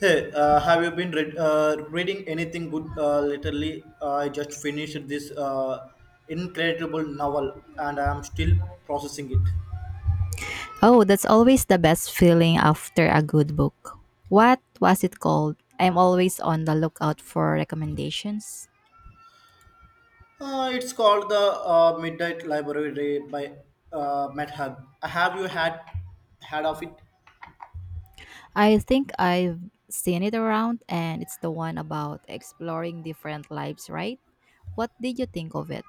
Hey, have you been reading anything good lately? I just finished this incredible novel and I am still processing it. Oh, that's always the best feeling after a good book. What was it called? I'm always on the lookout for recommendations. It's called the Midnight Library by Matt Hug. Have you had of it? I think I've seen it around and it's the one about exploring different lives, right? What did you think of it?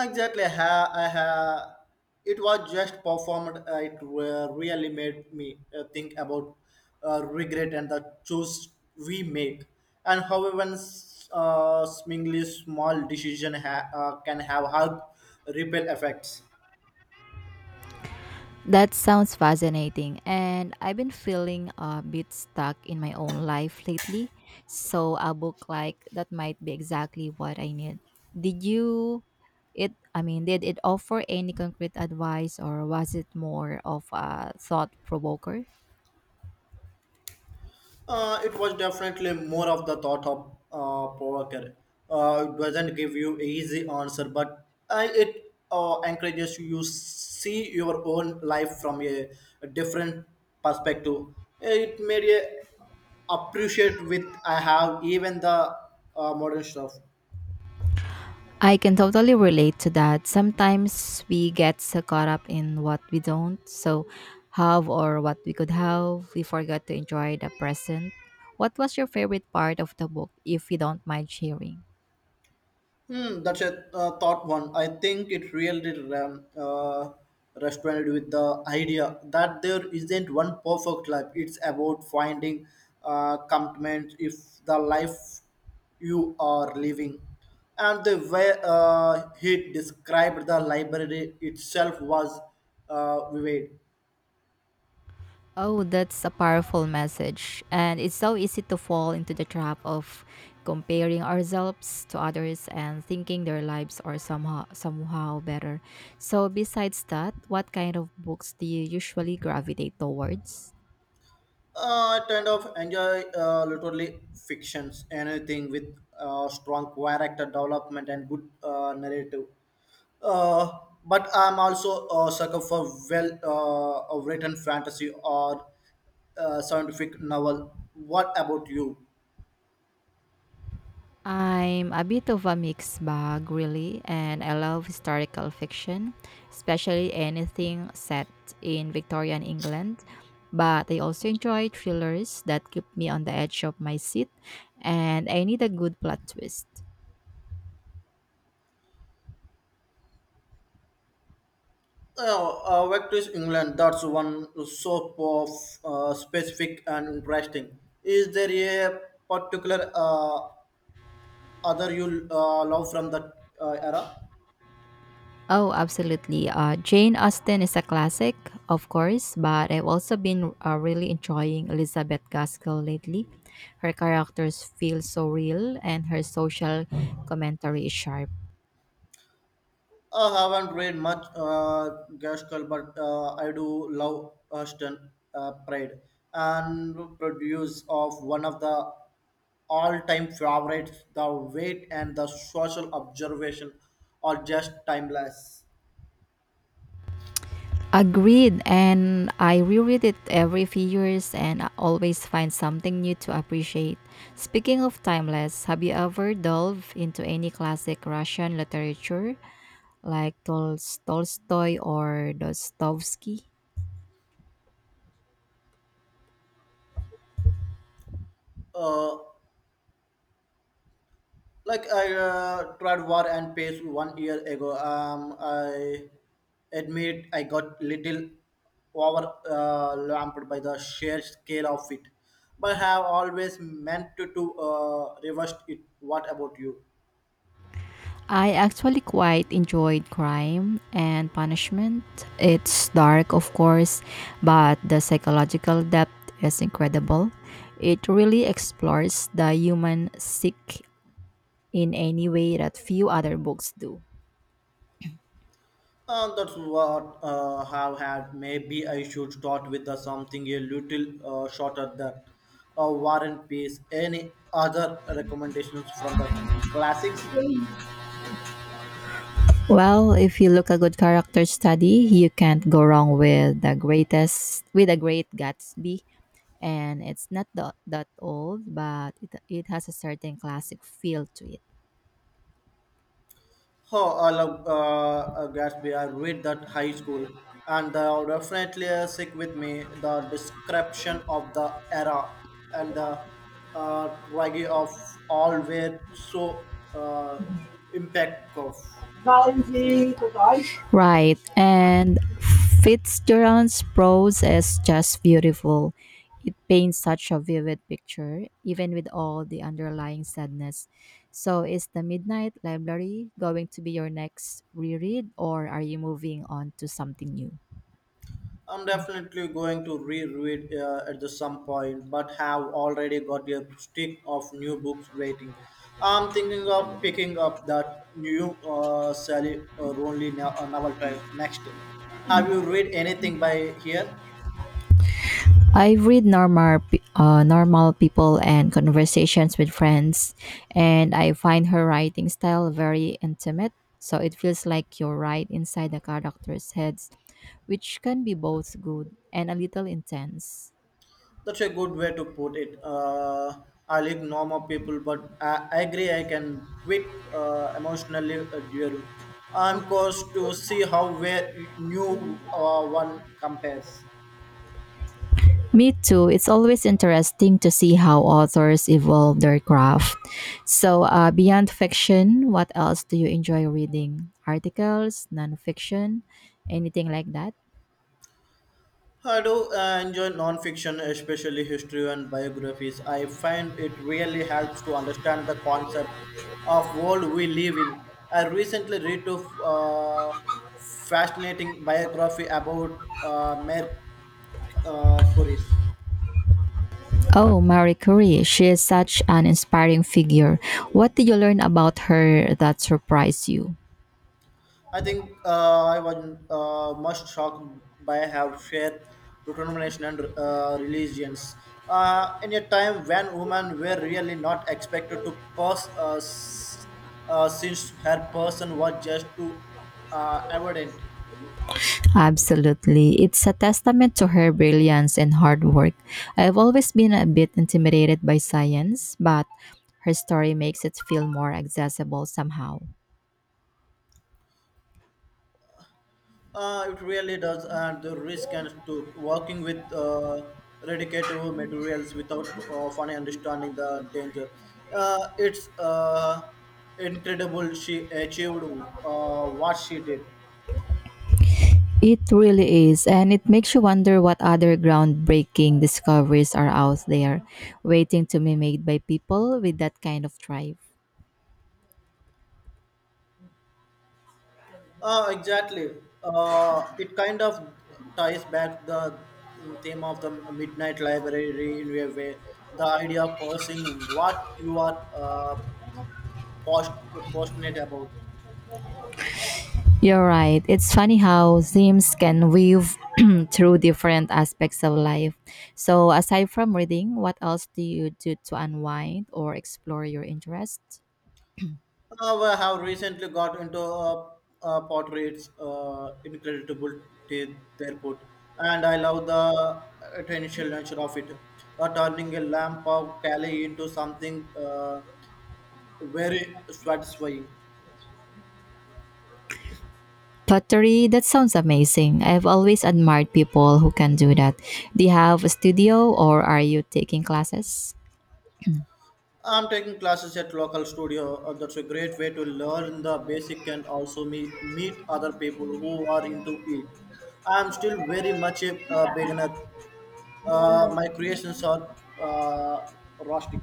Exactly. It was just performed. Really made me think about regret and the choice we make, and how even seemingly small decision can have hard ripple effects. That sounds fascinating, and I've been feeling a bit stuck in my own life lately, so a book like that might be exactly what I need. Did you it I mean, Did it offer any concrete advice or was it more of a thought provoker? It was definitely more of the thought of provoker. It doesn't give you easy answer, but I it encourages you see your own life from a different perspective. It made a appreciate with I have even the modern stuff. I can totally relate to that. Sometimes we get so caught up in what we don't so have or what we could have, we forget to enjoy the present. What was your favorite part of the book, if you don't mind sharing? Hmm, that's a thought one. I think it really resonated with the idea that there isn't one perfect life. It's about finding commitment if the life you are living. And the way he described the library itself was vivid. Oh, that's a powerful message. And it's so easy to fall into the trap of comparing ourselves to others and thinking their lives are somehow better. So besides that, what kind of books do you usually gravitate towards? I kind of enjoy literally fictions, anything with strong character development and good narrative. Uh, but I'm also a sucker for well a written fantasy or scientific novel. What about you? I'm a bit of a mixed bag, really, and I love historical fiction, especially anything set in Victorian England. But I also enjoy thrillers that keep me on the edge of my seat, and I need a good plot twist. Vector's England, that's one so of specific and interesting. Is there a particular other you love from that era? Oh, absolutely. Jane Austen is a classic, of course, but I've also been really enjoying Elizabeth Gaskell lately. Her characters feel so real, and her social commentary is sharp. I haven't read much Gaskell, but I do love Ashton Pride and produce of one of the all-time favorites. The weight and the social observation are just timeless. Agreed. And I reread it every few years and I always find something new to appreciate. Speaking of timeless, have you ever delved into any classic Russian literature like Tolstoy or Dostoevsky? Uh, like I tried war and peace 1 year ago. I admit I got little overwhelmed by the sheer scale of it, but have always meant to reverse it. What about you? I actually quite enjoyed Crime and Punishment. It's dark, of course, but the psychological depth is incredible. It really explores the human psyche in any way that few other books do. That's what have had. Maybe I should start with something a little shorter than War and Peace. Any other recommendations from the classics? Well, if you look a good character study, you can't go wrong with the greatest with a great Gatsby. And it's not that old, but it has a certain classic feel to it. Oh, I love Gatsby. I read that high school, and they are definitely sick with me. The description of the era and the tragedy of all were so impactful. Right. And Fitzgerald's prose is just beautiful. It paints such a vivid picture, even with all the underlying sadness. So, is The Midnight Library going to be your next reread, or are you moving on to something new? I'm definitely going to reread at the some point, but have already got a stick of new books waiting. I'm thinking of picking up that new Sally Rooney novel next. Have you read anything by here? I read normal people and conversations with friends, and I find her writing style very intimate. So it feels like you're right inside the characters' heads, which can be both good and a little intense. That's a good way to put it. I like normal people, but I agree I can quit emotionally during. I'm curious to see how where new one compares. Me too. It's always interesting to see how authors evolve their craft. So, beyond fiction, what else do you enjoy reading? Articles, nonfiction, anything like that? I do enjoy non-fiction, especially history and biographies. I find it really helps to understand the concept of world we live in. I recently read a uh, fascinating biography about Mer Curie. Oh, Marie Curie, she is such an inspiring figure. What did you learn about her that surprised you? I think I was most shocked by her sheer determination and religions. In a time when women were really not expected to since her person was just too evident. Absolutely. It's a testament to her brilliance and hard work. I've always been a bit intimidated by science, but her story makes it feel more accessible somehow. It really does, and the risk and to working with radioactive materials without fully understanding the danger. It's Incredible she achieved what she did. It really is, and it makes you wonder what other groundbreaking discoveries are out there waiting to be made by people with that kind of drive. Exactly. It kind of ties back the theme of the Midnight Library in a way. The idea of pursuing what you are post- passionate about. You're right. It's funny how themes can weave through different aspects of life. So, aside from reading, what else do you do to unwind or explore your interests? I have recently got into portraits, incredible to their put, and I love the potential nature of it. Turning a lamp of Cali into something very satisfying. Pottery, that sounds amazing. I've always admired people who can do that. Do you have a studio or are you taking classes? I'm taking classes at local studio. That's a great way to learn the basic and also meet other people who are into it. I'm still very much a beginner. My creations are rustic.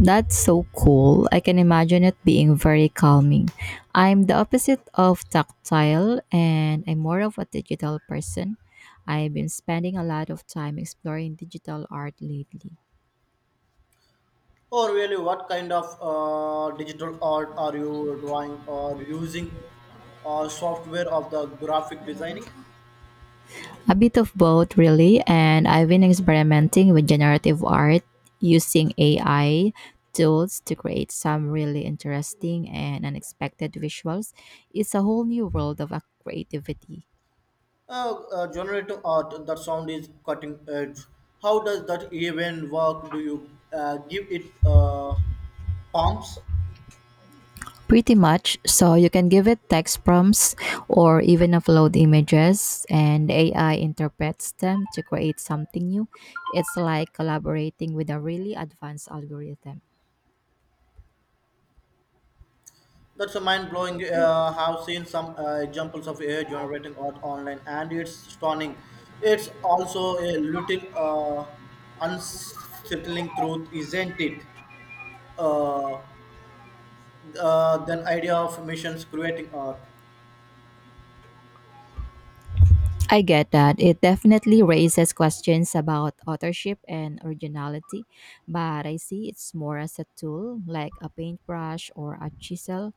That's so cool. I can imagine it being very calming. I'm the opposite of tactile and I'm more of a digital person. I've been spending a lot of time exploring digital art lately. Or really, what kind of digital art are you drawing or using software of the graphic designing? A bit of both, really, and I've been experimenting with generative art using AI tools to create some really interesting and unexpected visuals. It's a whole new world of creativity. Generative art, the sound is cutting edge. How does that even work? Do you give it prompts? Pretty much. So you can give it text prompts or even upload images, and AI interprets them to create something new. It's like collaborating with a really advanced algorithm. That's a mind blowing. Have seen some examples of AI generating art online, and it's stunning. It's also a little unsettling truth, isn't it? Uh, then idea of missions creating art I get that. It definitely raises questions about authorship and originality, but I see it's more as a tool, like a paintbrush or a chisel,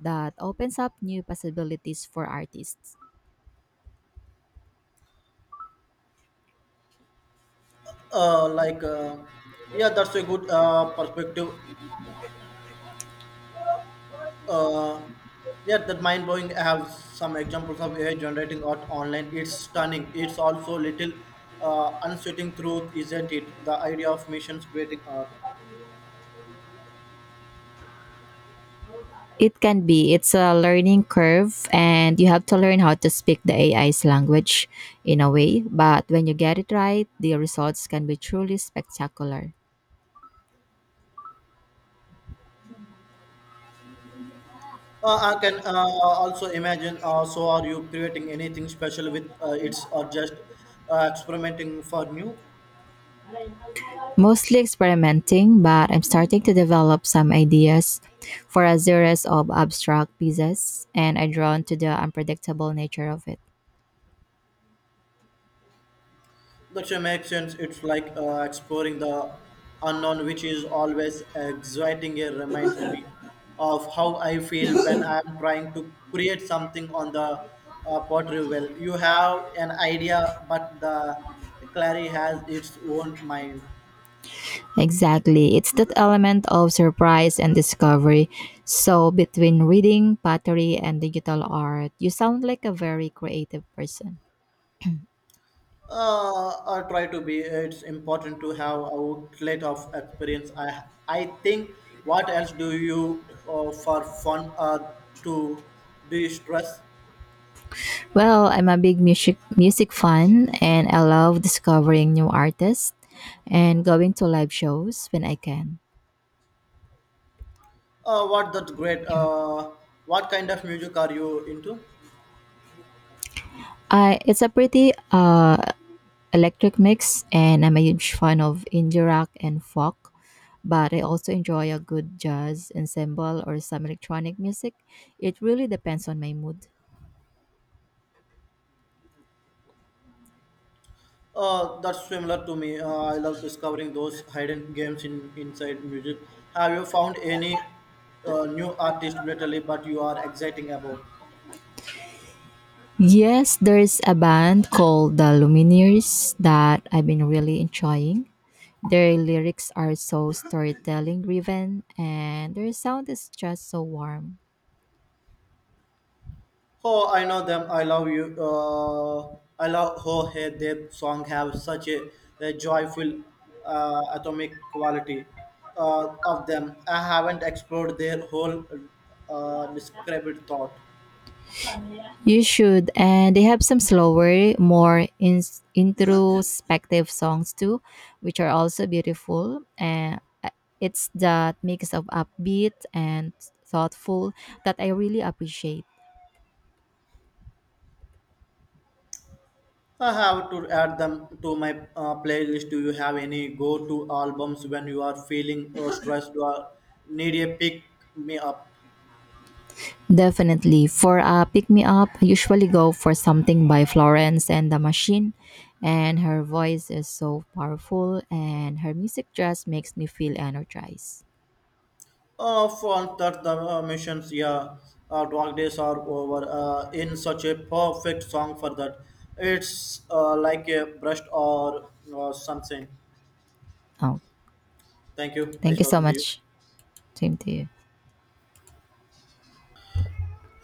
that opens up new possibilities for artists. Like yeah, that's a good perspective, uh, yeah, that mind blowing, I have some examples of ai generating art online, it's stunning, it's also little unsettling truth isn't it, the idea of missions creating art, It can be. It's a learning curve, and you have to learn how to speak the AI's language in a way. But when you get it right, the results can be truly spectacular. I can also imagine so are you creating anything special with it's or just experimenting for new. Mostly experimenting, but I'm starting to develop some ideas for a series of abstract pieces, and I'm drawn to the unpredictable nature of it. That sure makes sense. It's like exploring the unknown, which is always exciting. It reminds me of how I feel when I'm trying to create something on the pottery well. You have an idea, but the clary has its own mind. Exactly. It's that element of surprise and discovery. So, between reading, pottery, and digital art, you sound like a very creative person. I try to be. It's important to have outlet of experience. I think. What else do you for fun or to de stress? Well, I'm a big music fan and I love discovering new artists and going to live shows when I can. What that great? What kind of music are you into? I It's a pretty electric mix and I'm a huge fan of indie rock and folk, but I also enjoy a good jazz ensemble or some electronic music. It really depends on my mood. That's similar to me. I love discovering those hidden games in inside music. Have you found any new artist lately? But you are exciting about. Yes, there's a band called the Lumineers that I've been really enjoying. Their lyrics are so storytelling driven and their sound is just so warm. Oh, I know them. I love you. I love how hey, their song have such a joyful atomic quality of them. I haven't explored their whole described thought. You should, and they have some slower, more introspective songs too, which are also beautiful. And it's that mix of upbeat and thoughtful that I really appreciate. I have to add them to my playlist. Do you have any go to albums when you are feeling stressed or need a pick me up? Definitely. For a pick me up, I usually go for something by Florence and the Machine. And her voice is so powerful, and her music just makes me feel energized. For that, the missions, yeah, dog days are over. In such a perfect song for that. It's like a brush or something. Oh, Thank you. Nice thank you so talking to you. much. Same to you.